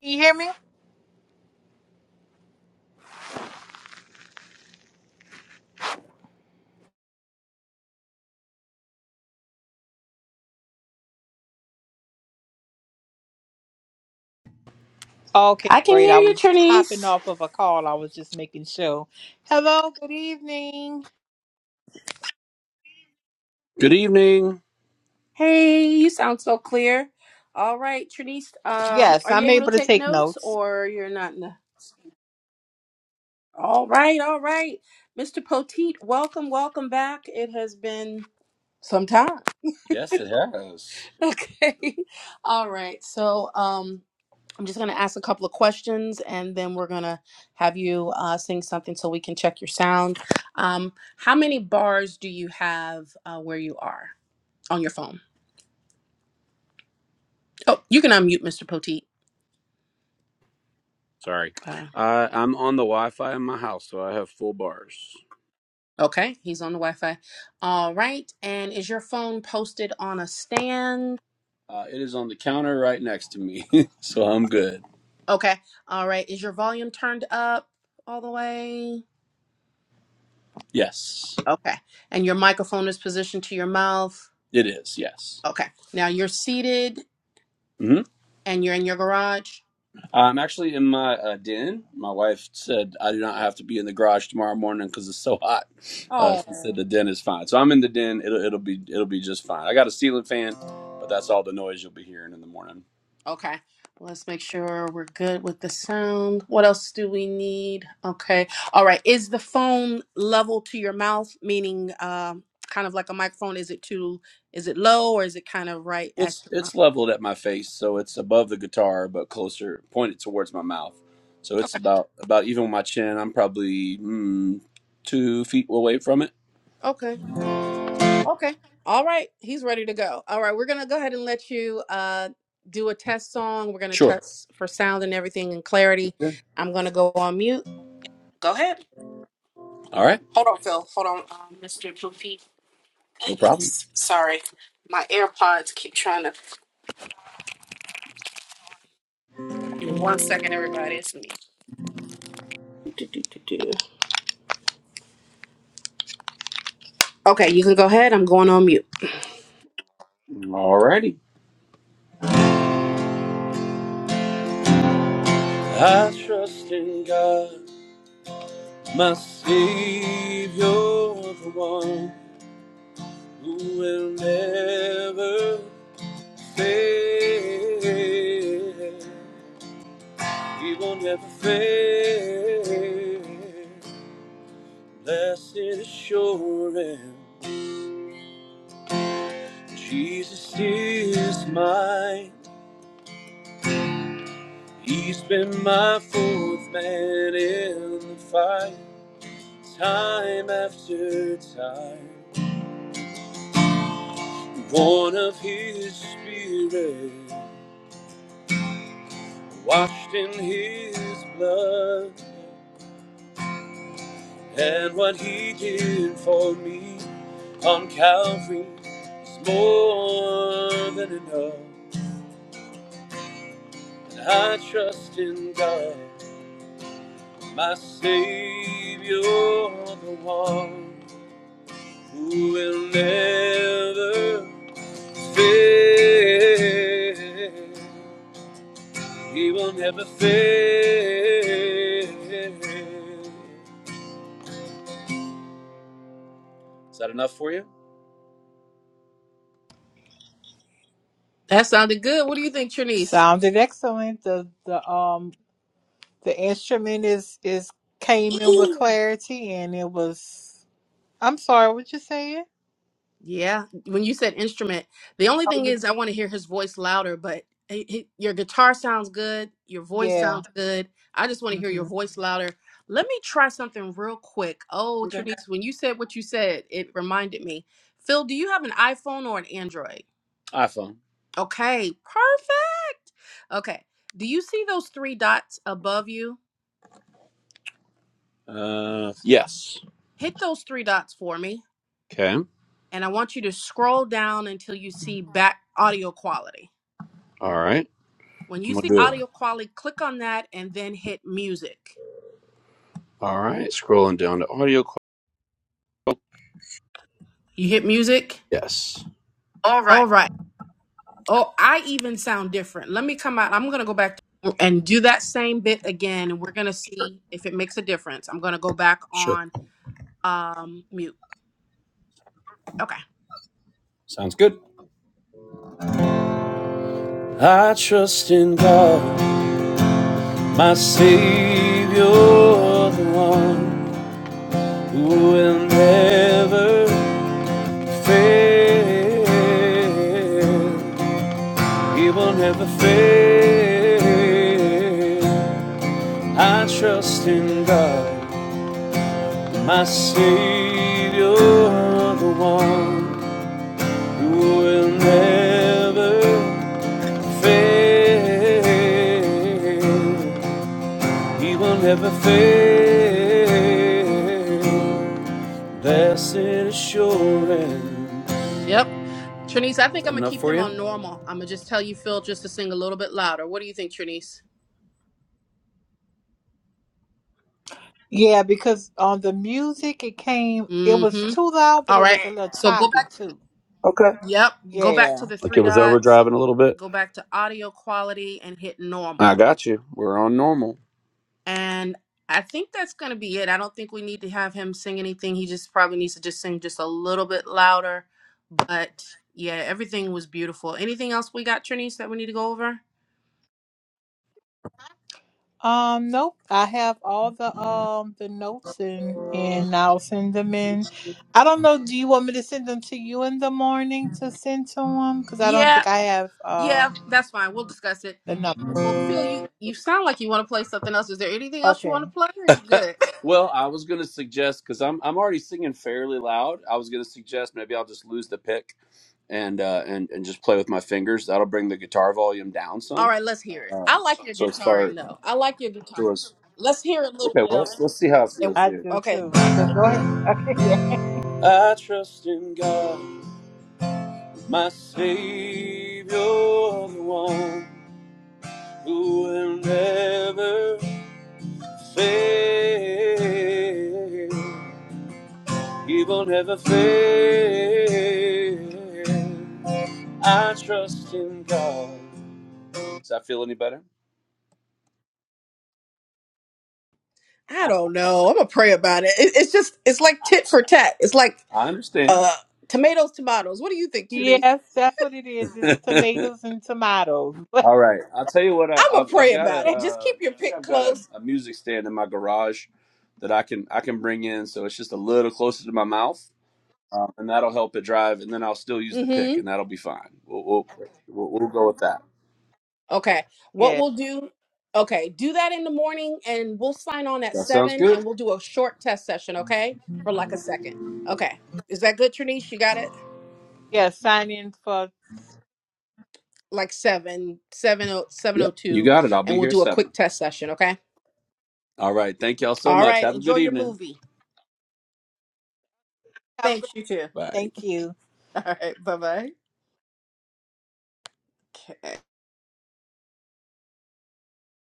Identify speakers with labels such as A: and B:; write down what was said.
A: Can you hear me? Okay,
B: I can
A: great.
B: hear
A: I
B: you,
A: was hopping
B: Trinice.
A: off of a call. I was just making sure. Hello, good evening.
C: Good evening.
B: Hey, you sound so clear. All right, Trinice, um,
A: Yes,
B: are you
A: I'm
B: able to
A: able to
B: take
A: take
B: notes
A: notes.
B: or you're not? In the... All right, all right. Mr. Poteet, welcome, welcome back. It has been some time. Okay. All right. So um, I'm just going to ask a couple of questions and then we're going to have you uh, sing something so we can check your sound. Um, how many bars do you have uh, where you are on your phone? Oh, you can unmute Mr. Poteet.
C: Sorry.
B: Uh,
C: Uh, I'm on the Wi Fi in my house, so I have full bars.
B: okay, he's on the Wi Fi. All right. And is your phone posted on a stand?
C: Uh, it is on the counter right next to me, so I'm good.
B: Okay. All right. Is your volume turned up all the way?
C: Yes,
B: Okay. And your microphone is positioned to your mouth?
C: it is. Yes.
B: Okay. Now you're seated
C: hmm
B: and you're in your garage?
C: I'm actually in my uh, den. My wife said I do not have to be in the garage tomorrow morning because it's so hot. Uh, she said
B: Oh.
C: the den is fine, so I'm in the den. It'll it'll be it'll be just fine. I got a ceiling fan, but that's all the noise you'll be hearing in the morning.
B: Okay, Well, let's make sure we're good with the sound. What else do we need? Okay, all right. Is the phone level to your mouth, meaning um, kind of like a microphone? Is it too? Is it low or is it kind of right at
C: It's
B: your mouth?
C: it's leveled at my face, so it's above the guitar, but closer, pointed towards my mouth. So it's
B: Okay,
C: about about even with my chin. I'm probably mm, two feet away from it.
B: okay, okay. All right, he's ready to go. All right, we're gonna go ahead and let you uh, do a test song. We're gonna
C: Sure.
B: test for sound and everything and clarity.
C: Sure.
B: I'm gonna go on mute. Go ahead.
C: All right.
B: Hold on, Phil. Hold on, um, Mr. Blue
C: No problem.
B: Goodness. Sorry, my AirPods keep trying to. One second, everybody. It's me. Do, do, do, do. Okay, you can go ahead. I'm going on mute.
C: All righty. I trust in God, my Savior, the one who will never fail. He will never fail. Blessed assurance, Jesus is mine. He's been my fourth man in the fight, time after time. Born of His Spirit, washed in His blood, and what He did for me on Calvary is more than enough. I trust in God. my Savior, the one who will never fail. He will never fail. Is that enough for you?
B: That sounded good. What do you think, Trinice?
A: Sounded excellent. The the um the instrument is is came in with
B: Ooh.
A: clarity and it was I'm sorry, what you saying?
B: Yeah, when you said instrument, the only
A: Oh,
B: thing
A: you-
B: is I want to hear his voice louder, but he, he- your guitar sounds good. Your voice
A: yeah.
B: sounds good. I just want to hear your
A: hmm
B: voice louder. Let me try something real quick. Oh,
C: Okay.
B: Trinice, when you said what you said, it reminded me. Phil, do you have an iPhone or an Android?
C: iPhone.
B: Okay, perfect. Okay, do you see those three dots above you?
C: Uh, yes.
B: Hit those three dots for me,
C: Okay.
B: and I want you to scroll down until you see back audio quality.
C: All right.
B: When
C: I'm
B: you
C: gonna
B: see
C: do it.
B: audio quality, click on that and then hit music.
C: All right. Scrolling down to audio.
B: You hit music?
C: Yes. All right.
B: All right. Oh, I even sound different. Let me come out. I'm going to go back and do that same bit again, and we're going to see if it makes a difference. I'm going to go back
C: Sure.
B: on um, mute. Okay.
C: Sounds good. I trust in God. My Savior, the one who will never fail. He will never fail. I trust in God, my Savior, the one who will never fail. He will never fail. Blessed assurance.
B: Yep. Trinice, I
C: Is
B: think
C: that
B: I'm gonna
C: enough
B: keep
C: for
B: him
C: you?
B: on normal. I'm gonna just tell you, Phil, just to sing a little bit louder. What do you think, Trinice?
A: Yeah, because on the music it came it was
B: Mm-hmm.
A: too loud, but
B: All
A: it
B: right.
A: was a little
B: So go
A: choppy
B: back.
A: too.
C: Okay.
B: Yep. Go back
A: Yeah.
B: to the
C: Like it
B: three
C: was
B: dots.
C: overdriving a little bit.
B: Go back to audio quality and hit
C: I
B: normal.
C: got you. We're on normal.
B: And I think that's gonna be it. I don't think we need to have him sing anything. He just probably needs to just sing just a little bit louder. But yeah, everything was beautiful. Anything else we got, Trinice, that we need to go over?
A: Um, nope. I have all the um the notes and and I'll send them in. I don't know. Do you want me to send them to you in the morning to send to them? Because I don't
B: Yeah.
A: think I have uh
B: Yeah. That's fine. We'll discuss it.
A: the number.
B: Well, Phil, you you sound like you want to play something else. Is there anything else you want
A: Okay,
B: to play? Or you good.
C: well, I was going to suggest because I'm I'm already singing fairly loud. I was going to suggest maybe I'll just lose the pick and uh, and and just play with my fingers. That'll bring the guitar volume down
B: All
C: some.
B: right, let's hear it.
C: Uh,
B: I like your
C: so as far
B: guitaring though. I like your guitar.
C: so as
B: Let's hear a little
C: okay,
B: bit
C: well
B: of
C: let's,
B: it.
C: let's see how it
B: And,
C: feels
A: I
C: here.
A: do
B: okay.
A: too. But go ahead. Okay. Yeah.
C: I trust in God. My Savior, the one who will never fail. He will never fail. I trust in God. Does that feel any better?
B: I don't know. I'm gonna pray about it. it. It's just it's like tit for tat. It's like
C: I understand.
B: uh tomatoes, tomatoes. What do you think, Trudy?
A: Yes, that's what it is. It's tomatoes and tomatoes. But
C: All right. I'll tell you what. I,
B: I'm gonna
C: I've, I've
B: pray
C: got a.
B: about it. Just
C: Uh,
B: keep
C: I
B: your
C: think
B: pick
C: I've got a,
B: close.
C: a music stand in my garage that I can I can bring in. So it's just a little closer to my mouth um, and that'll help it drive. And then I'll still use the
B: Mm-hmm.
C: pick, and that'll be fine. We'll we'll, we'll, we'll go with that.
B: Okay. What
A: yeah.
B: we'll do, okay, do that in the morning and we'll sign on at
C: That sounds
B: seven
C: good.
B: and we'll do a short test session, okay? For like a second. Okay. Is that good, Trinice? You got it?
A: Yeah. Sign in for.
B: Like seven, seven oh seven oh
C: Yep, you
B: two,
C: got it. I'll
B: and
C: be
B: we'll
C: here
B: do a
C: seven.
B: quick test session, okay?
C: All right. Thank y'all so
B: All
C: much.
B: right.
C: Have a
B: Enjoy
C: good
B: your
C: evening.
B: movie.
A: Have a
B: Thanks,
A: good.
B: you too.
C: Bye.
A: Thank you.
B: All right, bye bye. Okay.